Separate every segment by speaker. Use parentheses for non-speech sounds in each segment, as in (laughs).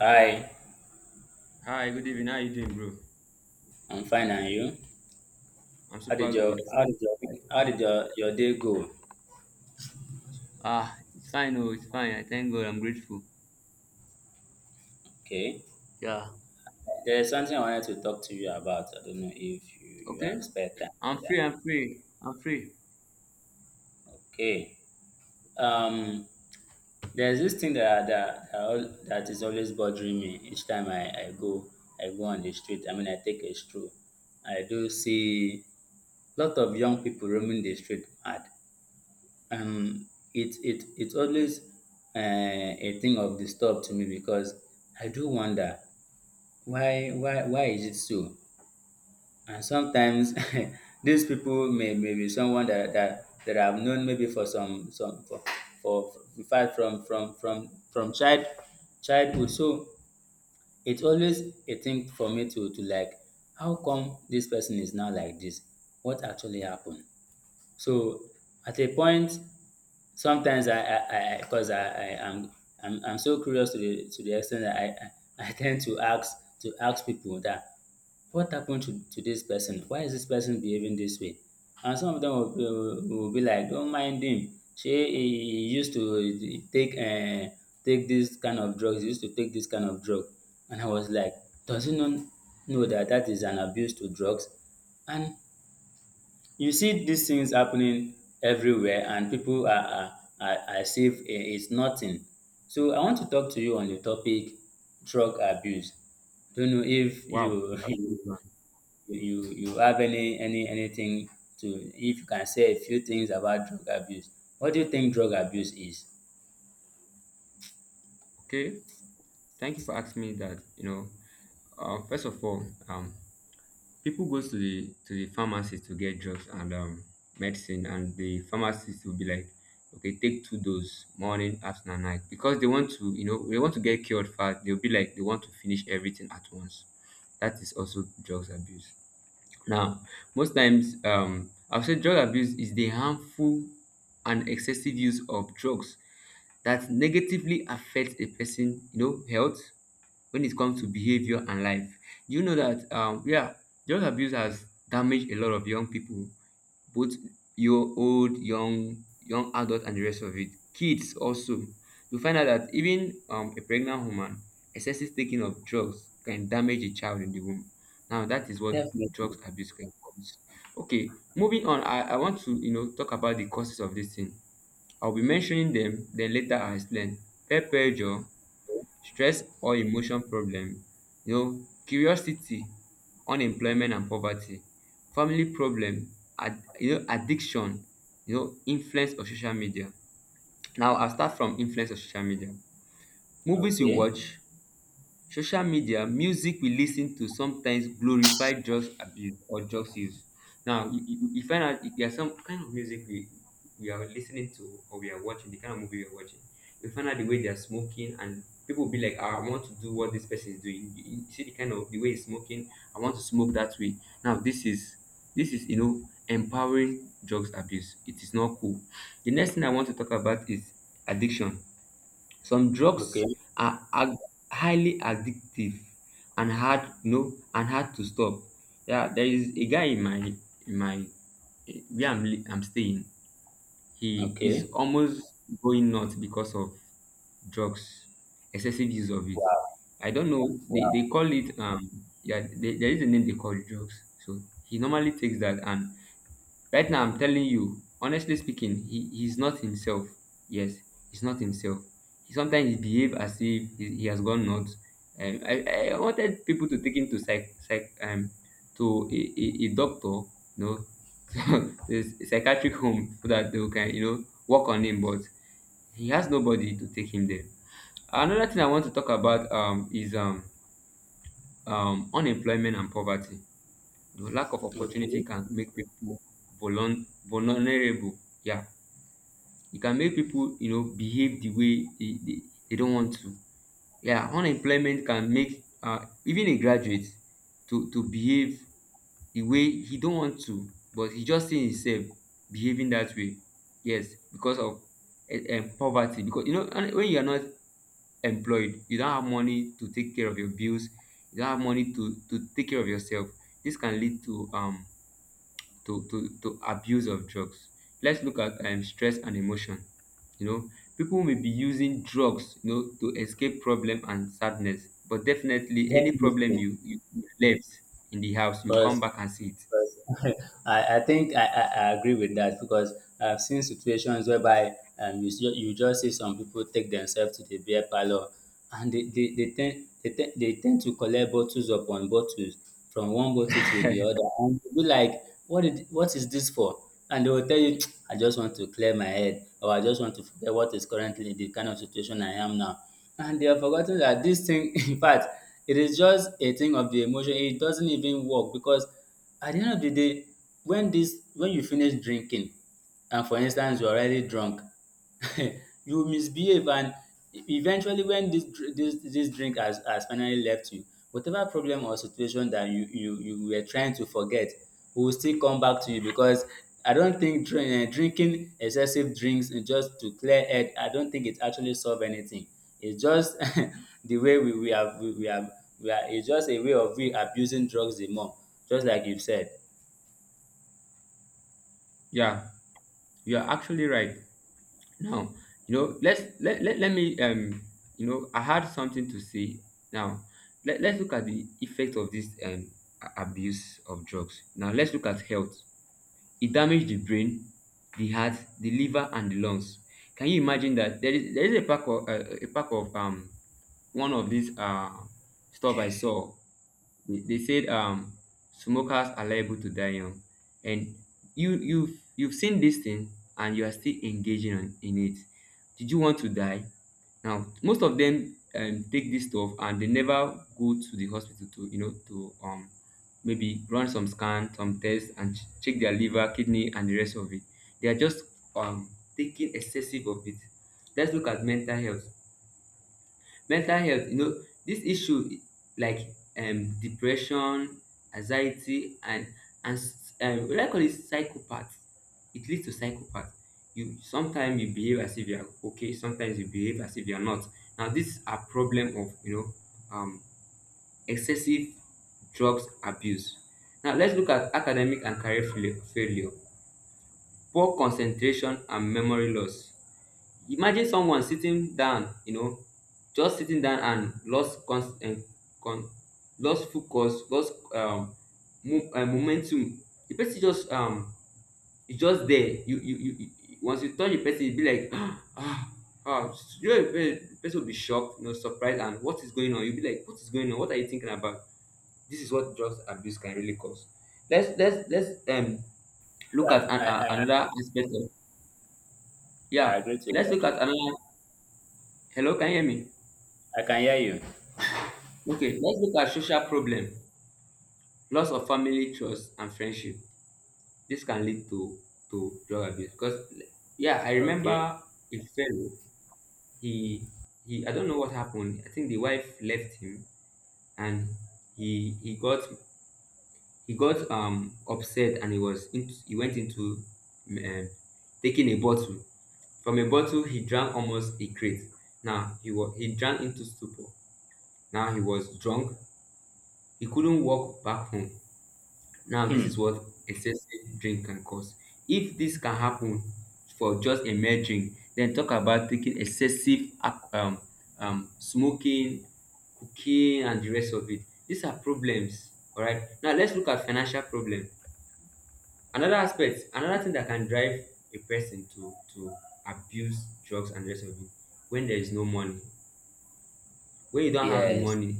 Speaker 1: Hi,
Speaker 2: Hi, good evening. How you doing, bro?
Speaker 1: I'm fine, and you?
Speaker 2: I'm super good.
Speaker 1: How did your week- how did your day go?
Speaker 2: Ah, it's fine. Oh, it's fine. I thank God. I'm grateful.
Speaker 1: Okay.
Speaker 2: Yeah.
Speaker 1: There's something I wanted to talk to you about. I don't know if you
Speaker 2: Okay.
Speaker 1: have spare time for
Speaker 2: I'm free.
Speaker 1: that.
Speaker 2: I'm free. I'm free.
Speaker 1: Okay. Um there's this thing that is always bothering me each time I go on the street. I mean I take a stroll. I do see lot of young people roaming the street mad. um it's always a thing of disturb to me because I do wonder why is it so. And sometimes (laughs) these people may be someone that I've known maybe for some for in fact from child childhood. So it's always a thing for me to like, how come this person is now like this? What actually happened? So at a point, sometimes I because I, 'cause I am I'm so curious to the extent that I, (laughs) I tend to ask people that, what happened to this person? Why is this person behaving this way? And some of them will be like, don't mind him. She He used to take take this kind of drugs. He used to take this kind of drug, and I was like, does he not know that that is an abuse to drugs? And you see these things happening everywhere and people are as if it's nothing. So I want to talk to you on the topic drug abuse. Don't know if
Speaker 2: Wow.
Speaker 1: you (laughs)
Speaker 2: That's a good
Speaker 1: you
Speaker 2: one.
Speaker 1: you, you have any anything to, if you can say a few things about drug abuse. What do you think drug abuse is?
Speaker 2: Okay. Thank you for asking me that. Uh, first of all, um, People go to the pharmacy to get drugs and medicine, and the pharmacist will be like, okay, take two doses, morning, afternoon, and night, because they want to, they want to get cured fast. They'll be like, they want to finish everything at once. That is also drugs abuse. Now, I have said drug abuse is the harmful and excessive use of drugs that negatively affects a person, health when it comes to behavior and life. Do you know that yeah, drug abuse has damaged a lot of young people, both your old, young adult and the rest of it. Kids also. You find out that even a pregnant woman, excessive taking of drugs can damage a child in the womb. Now that is what drugs
Speaker 1: Definitely.
Speaker 2: abuse can cause. Okay, moving on, I want to talk about the causes of this thing. I'll be mentioning them, then later I'll explain. Peer pressure, stress or emotion problem, you know, curiosity, unemployment and poverty, family problem, you know, addiction, you know, influence of social media. Now I'll start from influence of social media. Movies you
Speaker 1: Okay.
Speaker 2: watch, social media music we listen to sometimes glorify drugs abuse or drugs use. Now you find out if there are some kind of music we are listening to, or we are watching the kind of movie we are watching, you find out the way they are smoking, and people will be like, ah, I want to do what this person is doing. You see the kind of the way he's smoking. I want to smoke that way. Now this is, you know, empowering drugs abuse. It is not cool. The next thing I want to talk about is addiction. Some
Speaker 1: Okay.
Speaker 2: drugs are highly addictive and hard to stop. Yeah, there is a guy in my, eh, where I'm staying. He is
Speaker 1: Okay.
Speaker 2: almost going nuts because of drugs, excessive use of it.
Speaker 1: Wow.
Speaker 2: I don't know.
Speaker 1: Wow.
Speaker 2: They call it yeah. They, there is a name they call drugs. So he normally takes that. And right now, I'm telling you, honestly speaking, he's not himself. Yes, he's not himself. He sometimes he behave as if he has gone nuts. I wanted people to take him to psych, to a doctor, you know, (laughs) to a psychiatric home so that they can, you know, work on him. But he has nobody to take him there. Another thing I want to talk about, is unemployment and poverty. You know, lack of opportunity
Speaker 1: Okay.
Speaker 2: can make people vulnerable. Yeah, it can make people, you know, behave the way they don't want to. Yeah, unemployment can make, even a graduate to behave the way he don't want to, but he just see himself behaving that way. Yes, because of poverty. Because, you know, when you are not employed, you don't have money to take care of your bills. You don't have money to take care of yourself. This can lead to to abuse of drugs. Let's look at stress and emotion. You know, people may be using drugs, you know, to escape problem and sadness. But definitely, any problem
Speaker 1: Definitely.
Speaker 2: you left in the house, you come
Speaker 1: Because
Speaker 2: back and see it.
Speaker 1: (laughs) I think I agree with that because I've seen situations whereby you see, you just see some people take themselves to the beer parlor and they tend to collect bottles upon bottles from one bottle to the other.
Speaker 2: (laughs)
Speaker 1: And you'll be like, what is this for? And they will tell you, (tsk) I just want to clear my head, or I just want to forget what is currently the kind of situation I am now. And they have forgotten that this thing, (laughs) in fact, it is just a thing of the emotion. It doesn't even work because at the end of the day, when you finish drinking and for instance you're already drunk, (laughs) you will misbehave. And eventually when this this drink has finally left you, whatever problem or situation that you were trying to forget will still come back to you, because I don't think drinking excessive drinks just to clear head, I don't think it actually solve anything. It's just (laughs) the way we have we are it's just a way of we abusing drugs the more, just like you've said.
Speaker 2: Yeah, you are actually right. Now, you know, let me, I had something to say. Now, let's look at the effect of this, abuse of drugs. Now let's look at health. It damaged the brain, the heart, the liver, and the lungs. Can you imagine that? There is a pack of, uh, one of these, uh, stuff I saw. They said, smokers are liable to die young, and you've seen this thing and you are still engaging on, in it. Did you want to die? Now, most of them, take this stuff and they never go to the hospital to, you know, to, maybe run some scan, some tests, and check their liver, kidney, and the rest of it. They are just, um, taking excessive of it. Let's look at mental health. Mental health, you know, this issue like, depression, anxiety, and what I call it psychopath. It leads to psychopath. You Sometimes you behave as if you are okay. Sometimes you behave as if you are not. Now, this is a problem of, you know, excessive drugs abuse. Now let's look at academic and career failure. Poor concentration and memory loss. Imagine someone sitting down, you know, just sitting down and lost con- and con- lost focus, lost, momentum. The person just, is just there. Once you touch the person, it be like (gasps) ah ah. You know, the person will be shocked, you know, surprised. And what is going on? You'll be like, what is going on? What are you thinking about? This is what drugs abuse can really cause. Let's, look at
Speaker 1: Yeah,
Speaker 2: another aspect of,
Speaker 1: I
Speaker 2: yeah.
Speaker 1: agree to
Speaker 2: Let's
Speaker 1: that.
Speaker 2: look at another. Hello, can you hear me?
Speaker 1: I can hear you.
Speaker 2: Okay, let's look at social problem, loss of family trust and friendship. This can lead to drug abuse. Because yeah, I
Speaker 1: Okay.
Speaker 2: remember a fellow. He he. I don't know what happened. I think the wife left him, and he got, upset, and he he went into, um, taking a bottle. From a bottle he drank almost a crate. Now he drank into stupor. Now he was drunk. He couldn't walk back home. Now this is
Speaker 1: Hmm.
Speaker 2: what excessive drink can cause. If this can happen for just a mere drink, then talk about taking excessive, smoking, cooking, and the rest of it. These are problems. All right, now let's look at financial problem. Another aspect, another thing that can drive a person to abuse drugs and the rest of it. When there is no money, when you don't have the
Speaker 1: Yes.
Speaker 2: money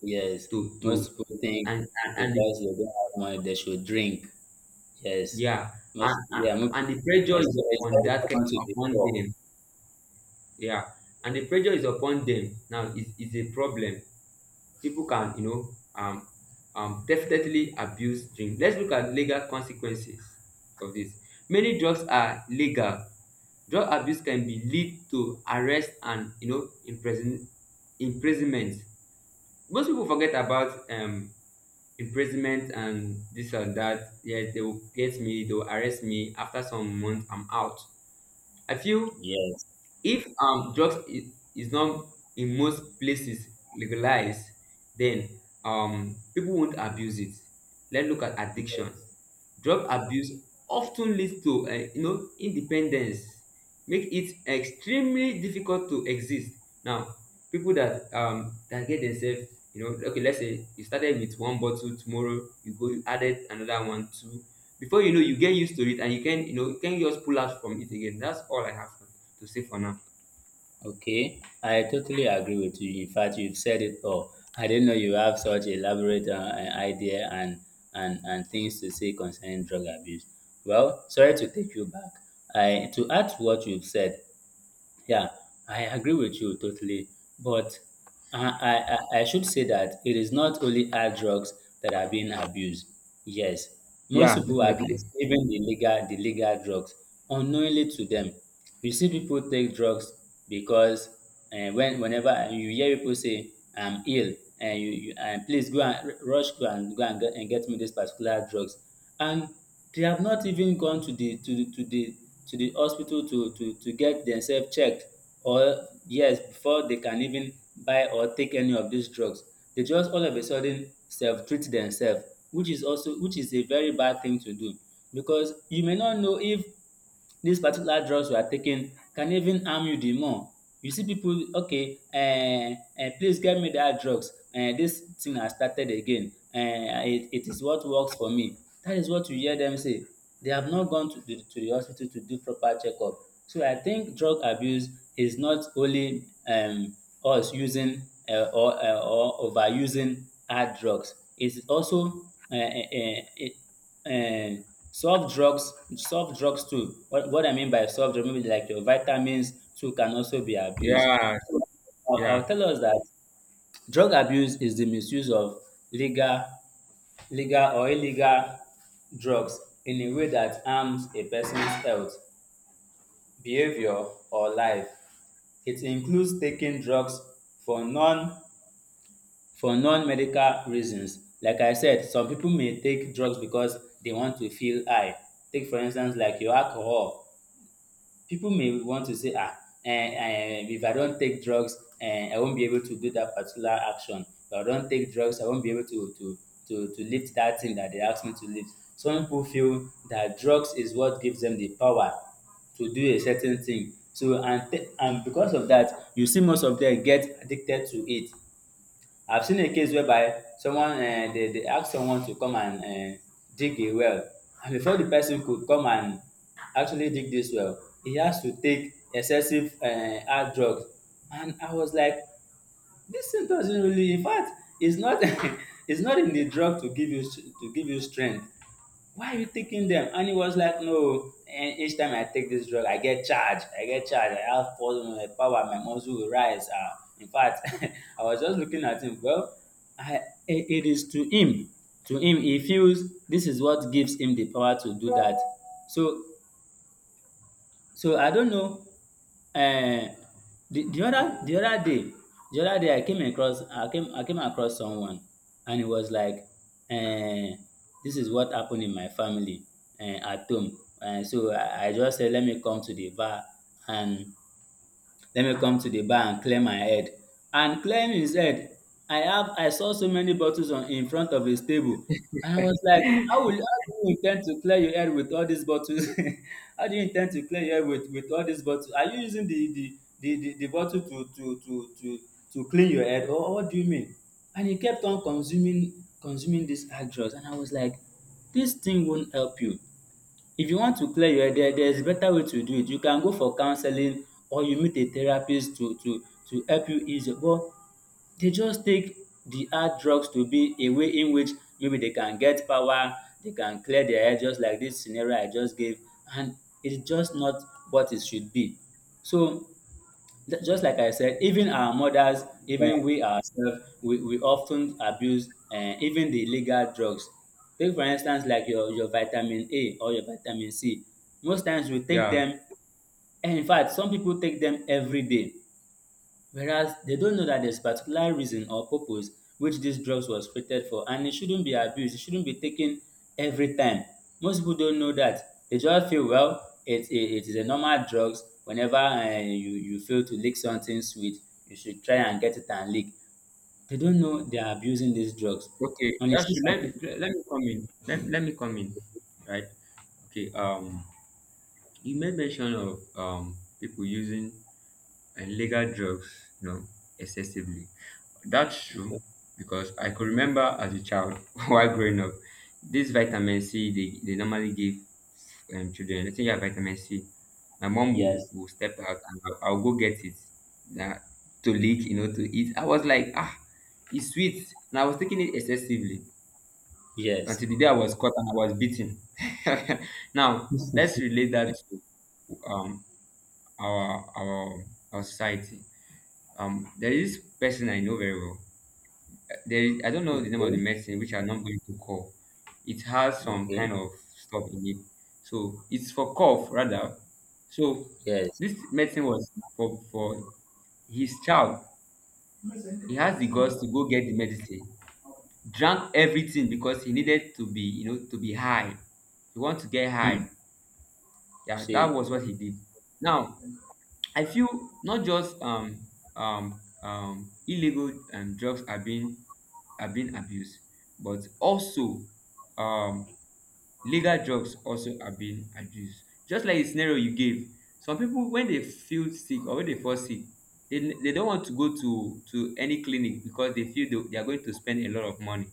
Speaker 1: Yes.
Speaker 2: to
Speaker 1: Most people think
Speaker 2: and
Speaker 1: because they don't have money, they should drink. Yes.
Speaker 2: yeah, and,
Speaker 1: Most.
Speaker 2: and
Speaker 1: Yeah. Most
Speaker 2: and the
Speaker 1: people,
Speaker 2: pressure is
Speaker 1: it's
Speaker 2: upon
Speaker 1: very
Speaker 2: that
Speaker 1: common to be
Speaker 2: upon
Speaker 1: poor.
Speaker 2: them. Yeah, and the pressure is upon them. Now is a problem. People can, you know, definitely abuse drink. Let's look at legal consequences of this. Many drugs are legal. Drug abuse can be lead to arrest and, you know, imprisonment. Most people forget about, imprisonment and this or that. Yes, they will get me, they will arrest me, after some months I'm out. I feel
Speaker 1: Yes.
Speaker 2: if, drugs is not in most places legalized, then, people won't abuse it. Let's look at addiction. Drug abuse often leads to, you know, independence, make it extremely difficult to exist. Now, people that, that get themselves, you know, okay, let's say you started with one bottle, tomorrow you go, you added another one, two, before you know, you get used to it and you can, you know, you can just pull out from it again. That's all I have for to save for now.
Speaker 1: Okay. I totally agree with you. In fact, you've said it all. I didn't know you have such elaborate idea and and things to say concerning drug abuse. Well, sorry to take you back. I to add to what you've said. Yeah, I agree with you totally. But I should say that it is not only hard drugs that are being abused. Yes, most
Speaker 2: Yeah,
Speaker 1: people
Speaker 2: definitely.
Speaker 1: abuse even the legal drugs unknowingly to them. You see people take drugs because whenever you hear people say, I'm ill, and you and please go and get me this particular drugs, and they have not even gone to the to the to the to the hospital to get themselves checked, or yes, before they can even buy or take any of these drugs, they just all of a sudden self treat themselves, which is also, which is a very bad thing to do, because you may not know if these particular drugs you are taking can even harm you the more. You see people okay, um "please get me that drugs, this thing has started again, um it it is what works for me." That is what you hear them say. They have not gone to the hospital to do proper checkup. So I think drug abuse is not only us using or overusing hard drugs. It is also um um um soft drugs, soft drugs too what I mean by soft drugs, maybe like your vitamins too can also be abused.
Speaker 2: Yeah,
Speaker 1: So I'll
Speaker 2: yeah,
Speaker 1: I'll tell us that drug abuse is the misuse of legal, or illegal drugs in a way that harms a person's health, behavior, or life. It includes taking drugs for non for non-medical reasons. Like I said, some people may take drugs because they want to feel high. Take for instance like your alcohol. People may want to say ah, if I don't take drugs, I won't be able to do that particular action. If I don't take drugs, I won't be able to lift that thing that they ask me to lift. Some people feel that drugs is what gives them the power to do a certain thing. So and because of that, you see most of them get addicted to it. I've seen a case whereby someone they ask someone to come and um dig a well, and before the person could come and actually dig this well, he has to take excessive hard drugs. And I was like, this thing doesn't really, in fact, it's not (laughs) it's not in the drug to give you, strength. Why are you taking them? And he was like, no, and each time I take this drug, I get charged. I get charged. I have poison, power. My muscle will rise. In fact, (laughs) I was just looking at him. Well, I, it is to him. To him, he feels this is what gives him the power to do that. So so I don't know, um, the other day, I came across, I came across someone, and he was like, um, this is what happened in my family at home. So I just say, let me come to the bar and let me come to the bar and clear my head. And clearing his head, I saw so many bottles on in front of his table, and I was like, how do you intend to clear your head with all these bottles? (laughs) How do you intend to clear your head with all these bottles? Are you using the bottle to clean your head, or what do you mean? And he kept on consuming these hard drugs, and I was like, this thing won't help you. If you want to clear your head, there is better way to do it. You can go for counseling, or you meet a therapist to help you ease your, but they just take the hard drugs to be a way in which maybe they can get power, they can clear their head, just like this scenario I just gave. And it's just not what it should be. So just like I said, even our mothers, even
Speaker 2: yeah,
Speaker 1: we ourselves, we often abuse even the illegal drugs. Take for instance, like your vitamin A or your vitamin C. Most times we take
Speaker 2: yeah.
Speaker 1: them, and in fact, some people take them every day. Whereas they don't know that there's particular reason or purpose which these drugs was created for, and it shouldn't be abused, it shouldn't be taken every time. Most people don't know that. They just feel well, it is a normal drugs. Whenever you feel to lick something sweet, you should try and get it and lick. They don't know they are abusing these drugs.
Speaker 2: Okay,
Speaker 1: And you
Speaker 2: that's
Speaker 1: see
Speaker 2: true.
Speaker 1: something,
Speaker 2: Let me come in. Let me come in. Right. Okay. You made mention of people using illegal drugs, you know, excessively. That's true, because I could remember as a child (laughs) while growing up, this vitamin C they normally give, children. Let's say you have vitamin C,
Speaker 1: yes,
Speaker 2: will step out and I'll go get it, yeah, to lick, you know, to eat. I was like, ah, it's sweet. And I was taking it excessively
Speaker 1: yes.
Speaker 2: until the day I was caught and I was beaten. (laughs) Now, let's relate that to, um, our, our, our society. There is this person I know very well. There is, I don't know the name of the
Speaker 1: Okay,
Speaker 2: medicine, which I'm not going to call. It has some
Speaker 1: okay,
Speaker 2: kind of stuff in it. So it's for cough rather. So
Speaker 1: yes.
Speaker 2: this medicine was for his child. He has the guts to go get the medicine. Drank everything because he needed to be, you know, to be high. He want to get high.
Speaker 1: Hmm.
Speaker 2: Yeah, that
Speaker 1: See,
Speaker 2: was what he did. Now I feel not just illegal drugs are being abused, but also um, legal drugs also are being abused. Just like the scenario you gave, some people when they feel sick or when they fall sick, they don't want to go to any clinic because they feel they are going to spend a lot of money.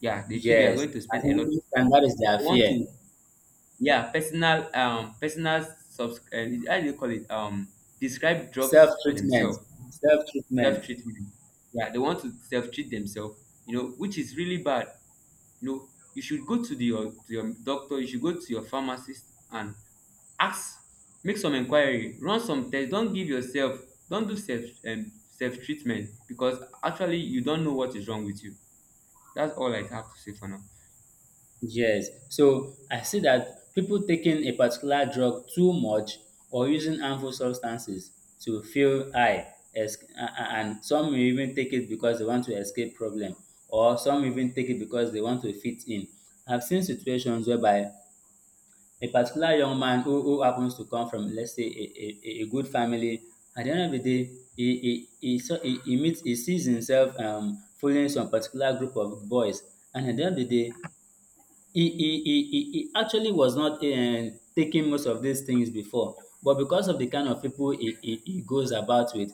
Speaker 2: Yeah, they feel they are
Speaker 1: yes.
Speaker 2: going to
Speaker 1: I
Speaker 2: spend a lot. Of
Speaker 1: think, and
Speaker 2: money.
Speaker 1: that is their
Speaker 2: They want
Speaker 1: fear.
Speaker 2: to, yeah, personal personal subs how do you call it, describe drugs for
Speaker 1: Self-treatment,
Speaker 2: themselves.
Speaker 1: self-treatment.
Speaker 2: Self-treatment, yeah, they want to self-treat themselves, you know, which is really bad. You know, you should go to the your to your doctor, you should go to your pharmacist and ask, make some inquiry, run some test. Don't give yourself, don't do self-treatment, because actually you don't know what is wrong with you. That's all I have to say for now.
Speaker 1: Yes, so I see that people taking a particular drug too much or using harmful substances to feel high, and some may even take it because they want to escape problem, or some even take it because they want to fit in. I've seen situations whereby a particular young man who happens to come from let's say a good family. At the end of the day, he saw he meets he sees himself following some particular group of boys. And at the end of the day, he actually was not taking most of these things before, but because of the kind of people he goes about with,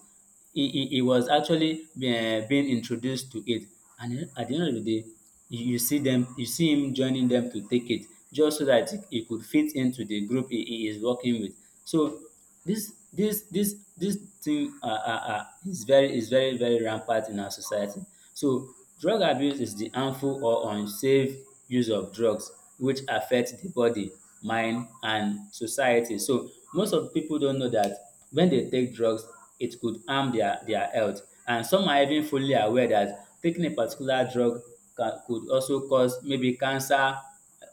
Speaker 1: he was actually being introduced to it. And then at the end of the day, you see him joining them to take it, just so that he could fit into the group he is working with. So this thing is very, is very, very rampant in our society. So drug abuse is the harmful or unsafe use of drugs which affect the body, mind and society. So most of people don't know that when they take drugs it could harm their health, and some are even fully aware that taking a particular drug can could also cause maybe cancer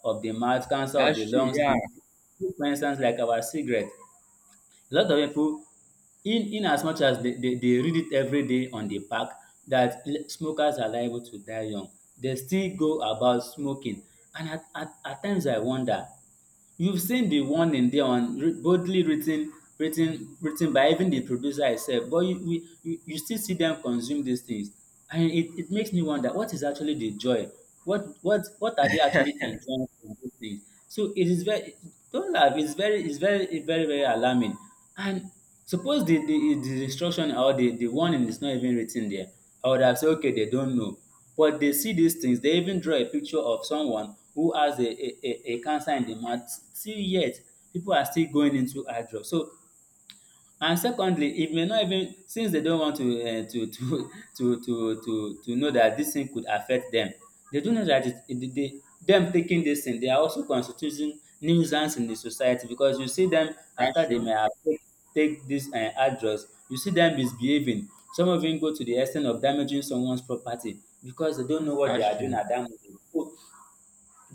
Speaker 1: of the mouth, cancer of
Speaker 2: That's
Speaker 1: the
Speaker 2: true.
Speaker 1: lungs.
Speaker 2: Yeah,
Speaker 1: For instance, like our cigarette, a lot of pipu, in as much as dey read it everyday on the pack that smokers are liable to die young, they still go about smoking. And at times I wonder. You've seen the warning there on boldly written, written by even the producer itself, but you still see them consume these things, and it makes me wonder what is actually the joy, what are they actually enjoying from these things? So it is very— don't laugh. It's very, it's very, very, very alarming. And suppose the instruction or the warning is not even written there, I would have said okay, they don't know. But they see these things, they even draw a picture of someone who has a cancer in the mouth. Still yet, people are still going into eye drop. So, and secondly, it may not even— since they don't want to to (laughs) to know that this thing could affect them. They do know that it dey dey dem taking this thing, they are also constituting nuisance in the society because you see them
Speaker 2: that's
Speaker 1: after they
Speaker 2: true.
Speaker 1: may have take, take this hard, you see them misbehaving. Some of them go to the extent of damaging someone's property because they don't know what they
Speaker 2: That's
Speaker 1: are doing
Speaker 2: true.
Speaker 1: at dat moment. So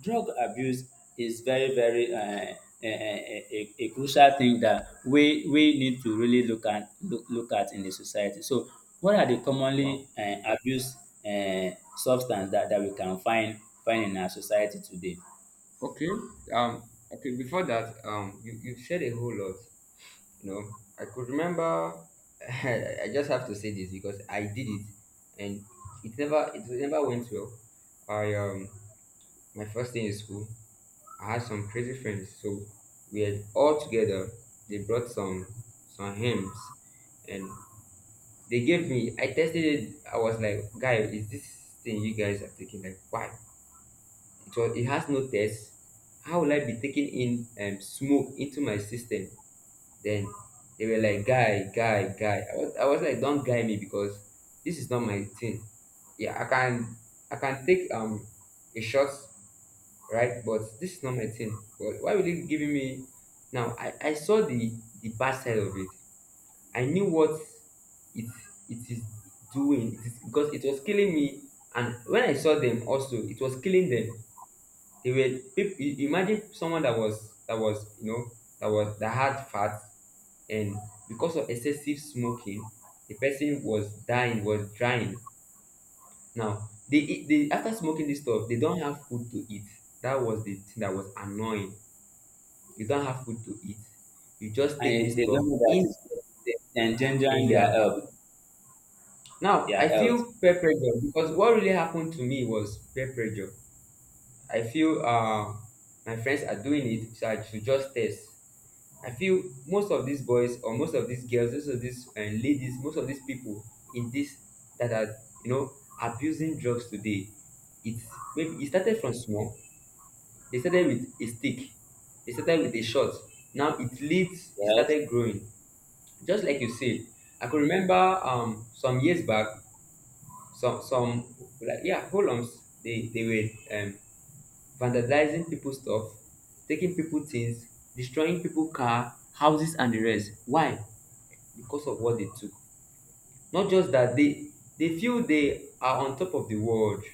Speaker 1: drug abuse is very, very a, a crucial thing that we need to really look, look at in the society. So what are the
Speaker 2: Wow.
Speaker 1: commonly abused uh, substance that we can find in our society today?
Speaker 2: Okay. Um. Okay. Before that, you said a whole lot. You know, I could remember. (laughs) I just have to say this because I did it, and it never went well. I My first day in school, I had some crazy friends, so we had all together. They brought some hymns, and they gave me. I tested it. I was like, guy, is this thing you guys are taking, like, why? So it has no test. How will I be taking in smoke into my system? Then they were like, guy, guy, guy. I was like, don't guy me because this is not my thing. Yeah, I can take a shot, right? But this is not my thing. But why will you giving me now? I saw the bad side of it. I knew what it it is doing. It is because it was killing me, and when I saw them also it was killing them. They were imagine someone that was you know, that had fat, and because of excessive smoking, the person was dying, was drying. Now they after smoking this stuff, they don't have food to eat. That was the thing that was annoying. You don't have food to eat. You just
Speaker 1: And
Speaker 2: take this
Speaker 1: they
Speaker 2: stuff
Speaker 1: don't know that
Speaker 2: into
Speaker 1: it's
Speaker 2: in and
Speaker 1: endangering
Speaker 2: you
Speaker 1: their
Speaker 2: are
Speaker 1: health,
Speaker 2: now. I
Speaker 1: their health,
Speaker 2: feel peer pressure, because what really happened to me was peer pressure. I feel my friends are doing it, so I should just test. I feel most of these boys or most of these girls, most of these ladies, most of these people in this that are, you know, abusing drugs today, it's maybe it started from small. They started with a stick, they started with a shot. Now it leads. It
Speaker 1: their health.
Speaker 2: started growing, just like you said. I could remember some years back, some, like, yeah, holums, they were vandalizing people's stuff, taking people things, destroying people car, houses and the rest. Why? Because of what they took. Not just that they feel they are on top of the world.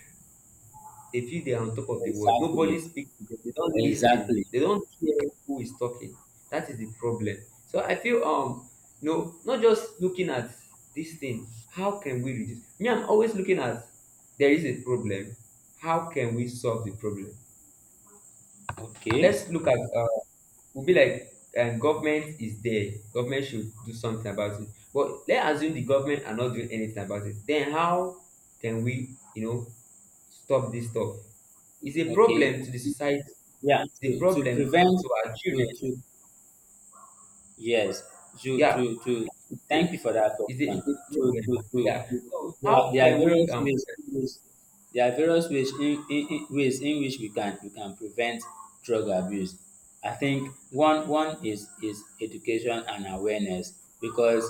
Speaker 2: They feel they are on top of the world. Nobody
Speaker 1: Exactly,
Speaker 2: speaks to them. They don't listen.
Speaker 1: exactly.
Speaker 2: They don't hear who is talking. That is the problem. So I feel no, not just looking at this thing. How can we reduce? Me, I'm always looking at, there is a problem. How can we solve the problem?
Speaker 1: Okay,
Speaker 2: Let's look at will be like, government is there. Government should do something about it. But let's assume the government are not doing anything about it. Then how can we, you know, stop this stuff? It's a
Speaker 1: okay,
Speaker 2: problem to the society.
Speaker 1: yeah.
Speaker 2: It's a
Speaker 1: To
Speaker 2: problem
Speaker 1: prevent,
Speaker 2: to our children.
Speaker 1: to yes,
Speaker 2: Yeah,
Speaker 1: to
Speaker 2: it's
Speaker 1: thank
Speaker 2: a,
Speaker 1: you for that question.
Speaker 2: it's a problem. Yeah.
Speaker 1: To
Speaker 2: So how
Speaker 1: there are
Speaker 2: can we?
Speaker 1: various ways, ways, there are various ways in ways in which we can prevent drug abuse. I think one is education and awareness, because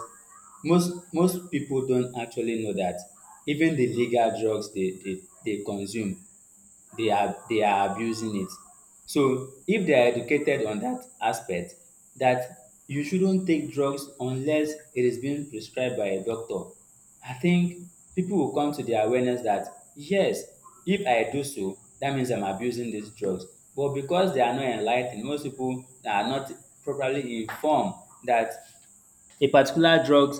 Speaker 1: most people don't actually know that even the legal drugs they consume, they are abusing it. So if they are educated on that aspect, that you shouldn't take drugs unless it is being prescribed by a doctor, I think people will come to the awareness that yes, if I do so, that means I'm abusing these drugs. But because they are not enlightened, most people are not properly informed that a particular drug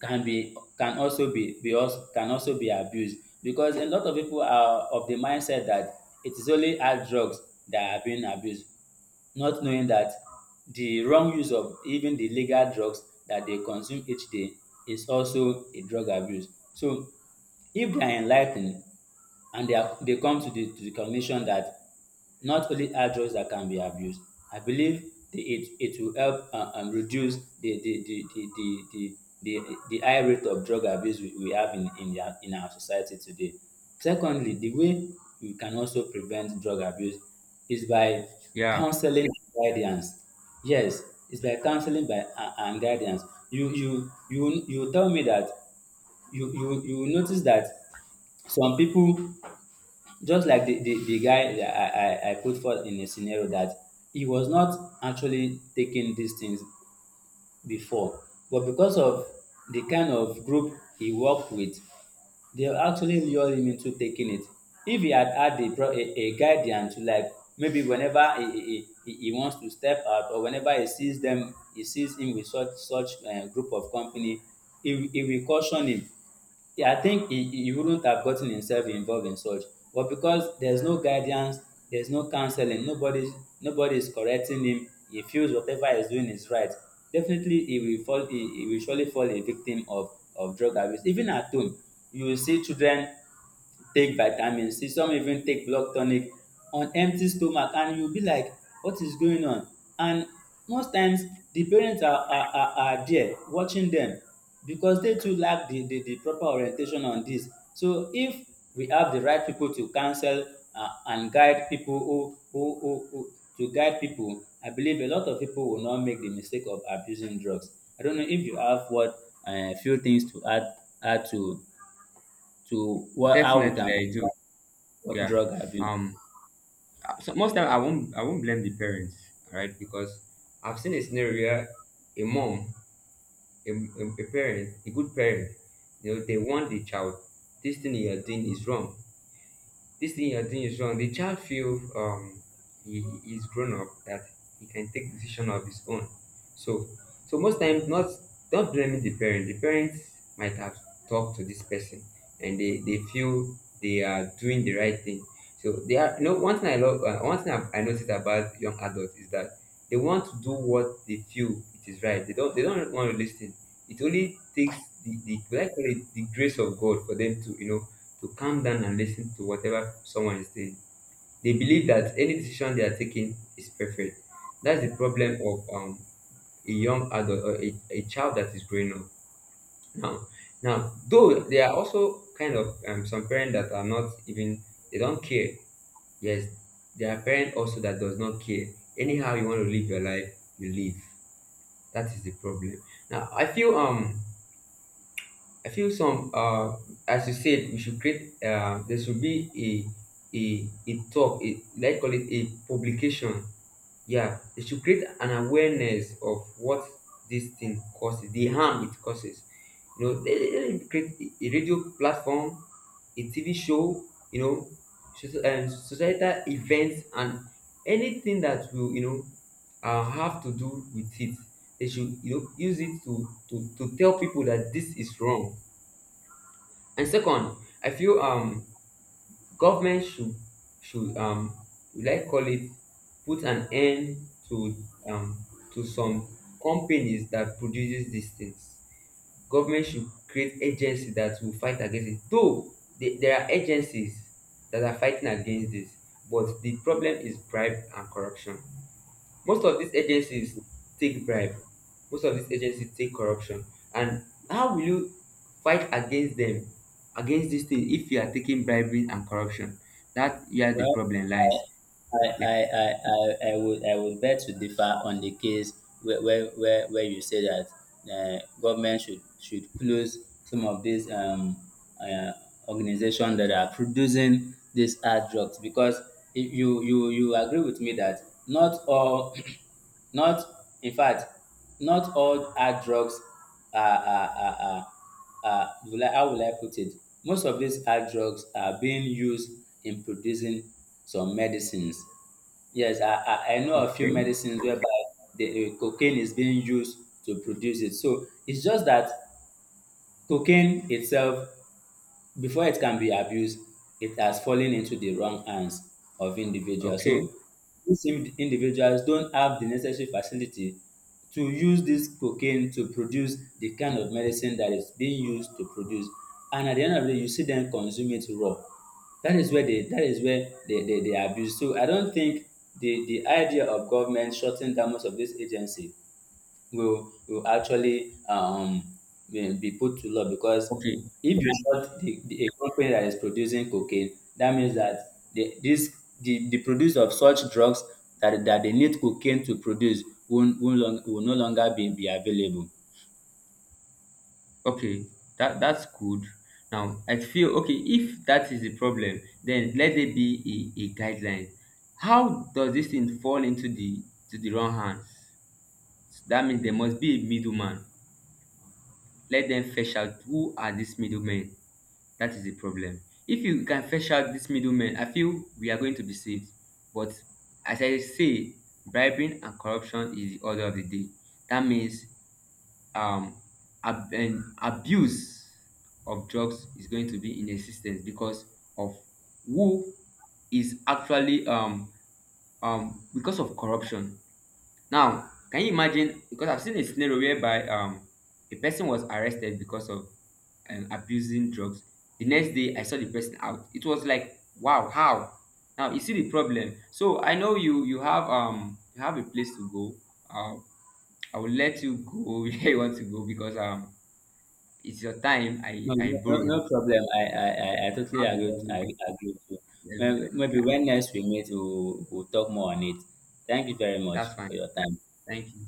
Speaker 1: can be can also be also can also be abused, because a lot of people are of the mindset that it is only hard drugs that are being abused, not knowing that the wrong use of even the legal drugs that they consume each day is also a drug abuse. So if they are enligh ten ed and they come to the cognition that not only hard drugs that can be abused, I believe it will help reduce the, the high rate of drug abuse we have in our society today. Secondly, the way we can also prevent drug abuse is by
Speaker 2: Yeah,
Speaker 1: counseling and guidance. Yes, it's by counseling and guidance. You tell me that you will notice that some people, just like the guy that I put forth in a scenario, that he was not actually taking these things before, but because of the kind of group he worked with, they actually lured him into taking it. If he had had a guidance, like maybe whenever he wants to step out, or whenever he sees him with such group of company, he will caution him, yeah, I think he wouldn't have gotten himself involved in such. But because there's no guidance, there's no counseling, nobody is correcting him, he feels whatever he's doing is right. Definitely, he will fall. He will surely fall a victim of drug abuse. Even at home, you will see children take vitamin C, some even take blood tonic on empty stomach, and you be like, what is going on? And most times the parents are there watching them because they too lack the proper orientation on this. So if we have the right people to counsel and guide people, I believe a lot of people will not make the mistake of abusing drugs. I don't know if you have what few things to add, to what— how we
Speaker 2: definitely
Speaker 1: can—
Speaker 2: I do.
Speaker 1: what
Speaker 2: Yeah.
Speaker 1: drug abuse?
Speaker 2: Um, so most time I won't blame the parents, right? Because I've seen a scenario where a mom, a parent, a good parent, you know, they want the child, this thing you're doing is wrong. This thing you're doing is wrong. The child feel he is grown up, that he can take decision of his own. So so most times, not not blaming the parent. The parents might have talked to this person, and they feel they are doing the right thing. So they are, you know, one thing I love, one thing I noticed about young adults is that they want to do what they feel it is right. They don't, they don't want to listen. It only takes the, what I call it, the grace of God for them to, you know, to calm down and listen to whatever someone is saying. They believe that any decision they are taking is perfect. That's the problem of a young adult or a child that is growing up now. Now, though there are also kind of some parents that are not even, they don't care. Yes, there are parents also that does not care. Anyhow you want to live your life, you live. That is the problem. Now I feel some, as you said, we should create, there should be a talk, a, let's call it a publication. Yeah, they should create an awareness of what this thing causes, the harm it causes. You know, they create a radio platform, a TV show, you know, societal events, and anything that will, you know, have to do with it. They should, you know, use it to, to tell people that this is wrong. And second, I feel government should we like call it, put an end to um to some companies that produces these things. Government should create agency that will fight against it. Though the, there are agencies that are fighting against this, but the problem is bribe and corruption. Most of these agencies take bribe, most of these agencies take corruption, and how will you fight against them, against this thing, if you are taking bribery and corruption? That where the
Speaker 1: Well,
Speaker 2: problem lies. Yeah.
Speaker 1: I would beg to differ on the case where you say that government should close some of these uh, organizations that are producing these hard drugs, because if you, you you agree with me that not all (clears throat) not, in fact, not all hard drugs are, are, are, are, are— will I, how will I put it? Most of these hard drugs are being used in producing some medicines. Yes, I know a few
Speaker 2: Okay.
Speaker 1: medicines whereby the cocaine is being used to produce it. So it's just that cocaine itself, before it can be abused, it has fallen into the wrong hands of individuals.
Speaker 2: Okay.
Speaker 1: So these individuals don't have the necessary facility to use this cocaine to produce the kind of medicine that is being used to produce. And at the end of the day, you see them consume it raw. That is where they— that is where they abuse. So I don't think the idea of government shutting down most of this agency will actually be put to law, because
Speaker 2: Okay.
Speaker 1: if you
Speaker 2: Now-
Speaker 1: shut the a company that is producing cocaine, that means that the this the produce of such drugs that that they need cocaine to produce will, long, will no longer be available.
Speaker 2: okay, that that's good. Now I feel, okay, if that is the problem, then let there be a guideline. How does this thing fall into the to the wrong hands? That means there must be a middleman. Let them fetch out, who are these middlemen. That is the problem. If you can fetch out these middlemen, I feel we are going to be saved. But as I say, bribing and corruption is the order of the day. That means um, ab- and abuse of drugs is going to be in existence because of who is actually because of corruption. Now, can you imagine? Because I've seen a scenario whereby a person was arrested because of and abusing drugs. The next day, I saw the person out. It was like, wow, how? Now you see the problem. So I know you, you have a place to go. Uh, I will let you go (laughs) where you want to go, because it's your time.
Speaker 1: No,
Speaker 2: I
Speaker 1: no
Speaker 2: borrowed.
Speaker 1: problem. I totally
Speaker 2: Have a
Speaker 1: agree.
Speaker 2: lovely
Speaker 1: I agree with you.
Speaker 2: day.
Speaker 1: Maybe
Speaker 2: Yeah.
Speaker 1: when next we meet, we'll talk more on it. Thank you very much
Speaker 2: That's fine.
Speaker 1: for your time.
Speaker 2: Thank you.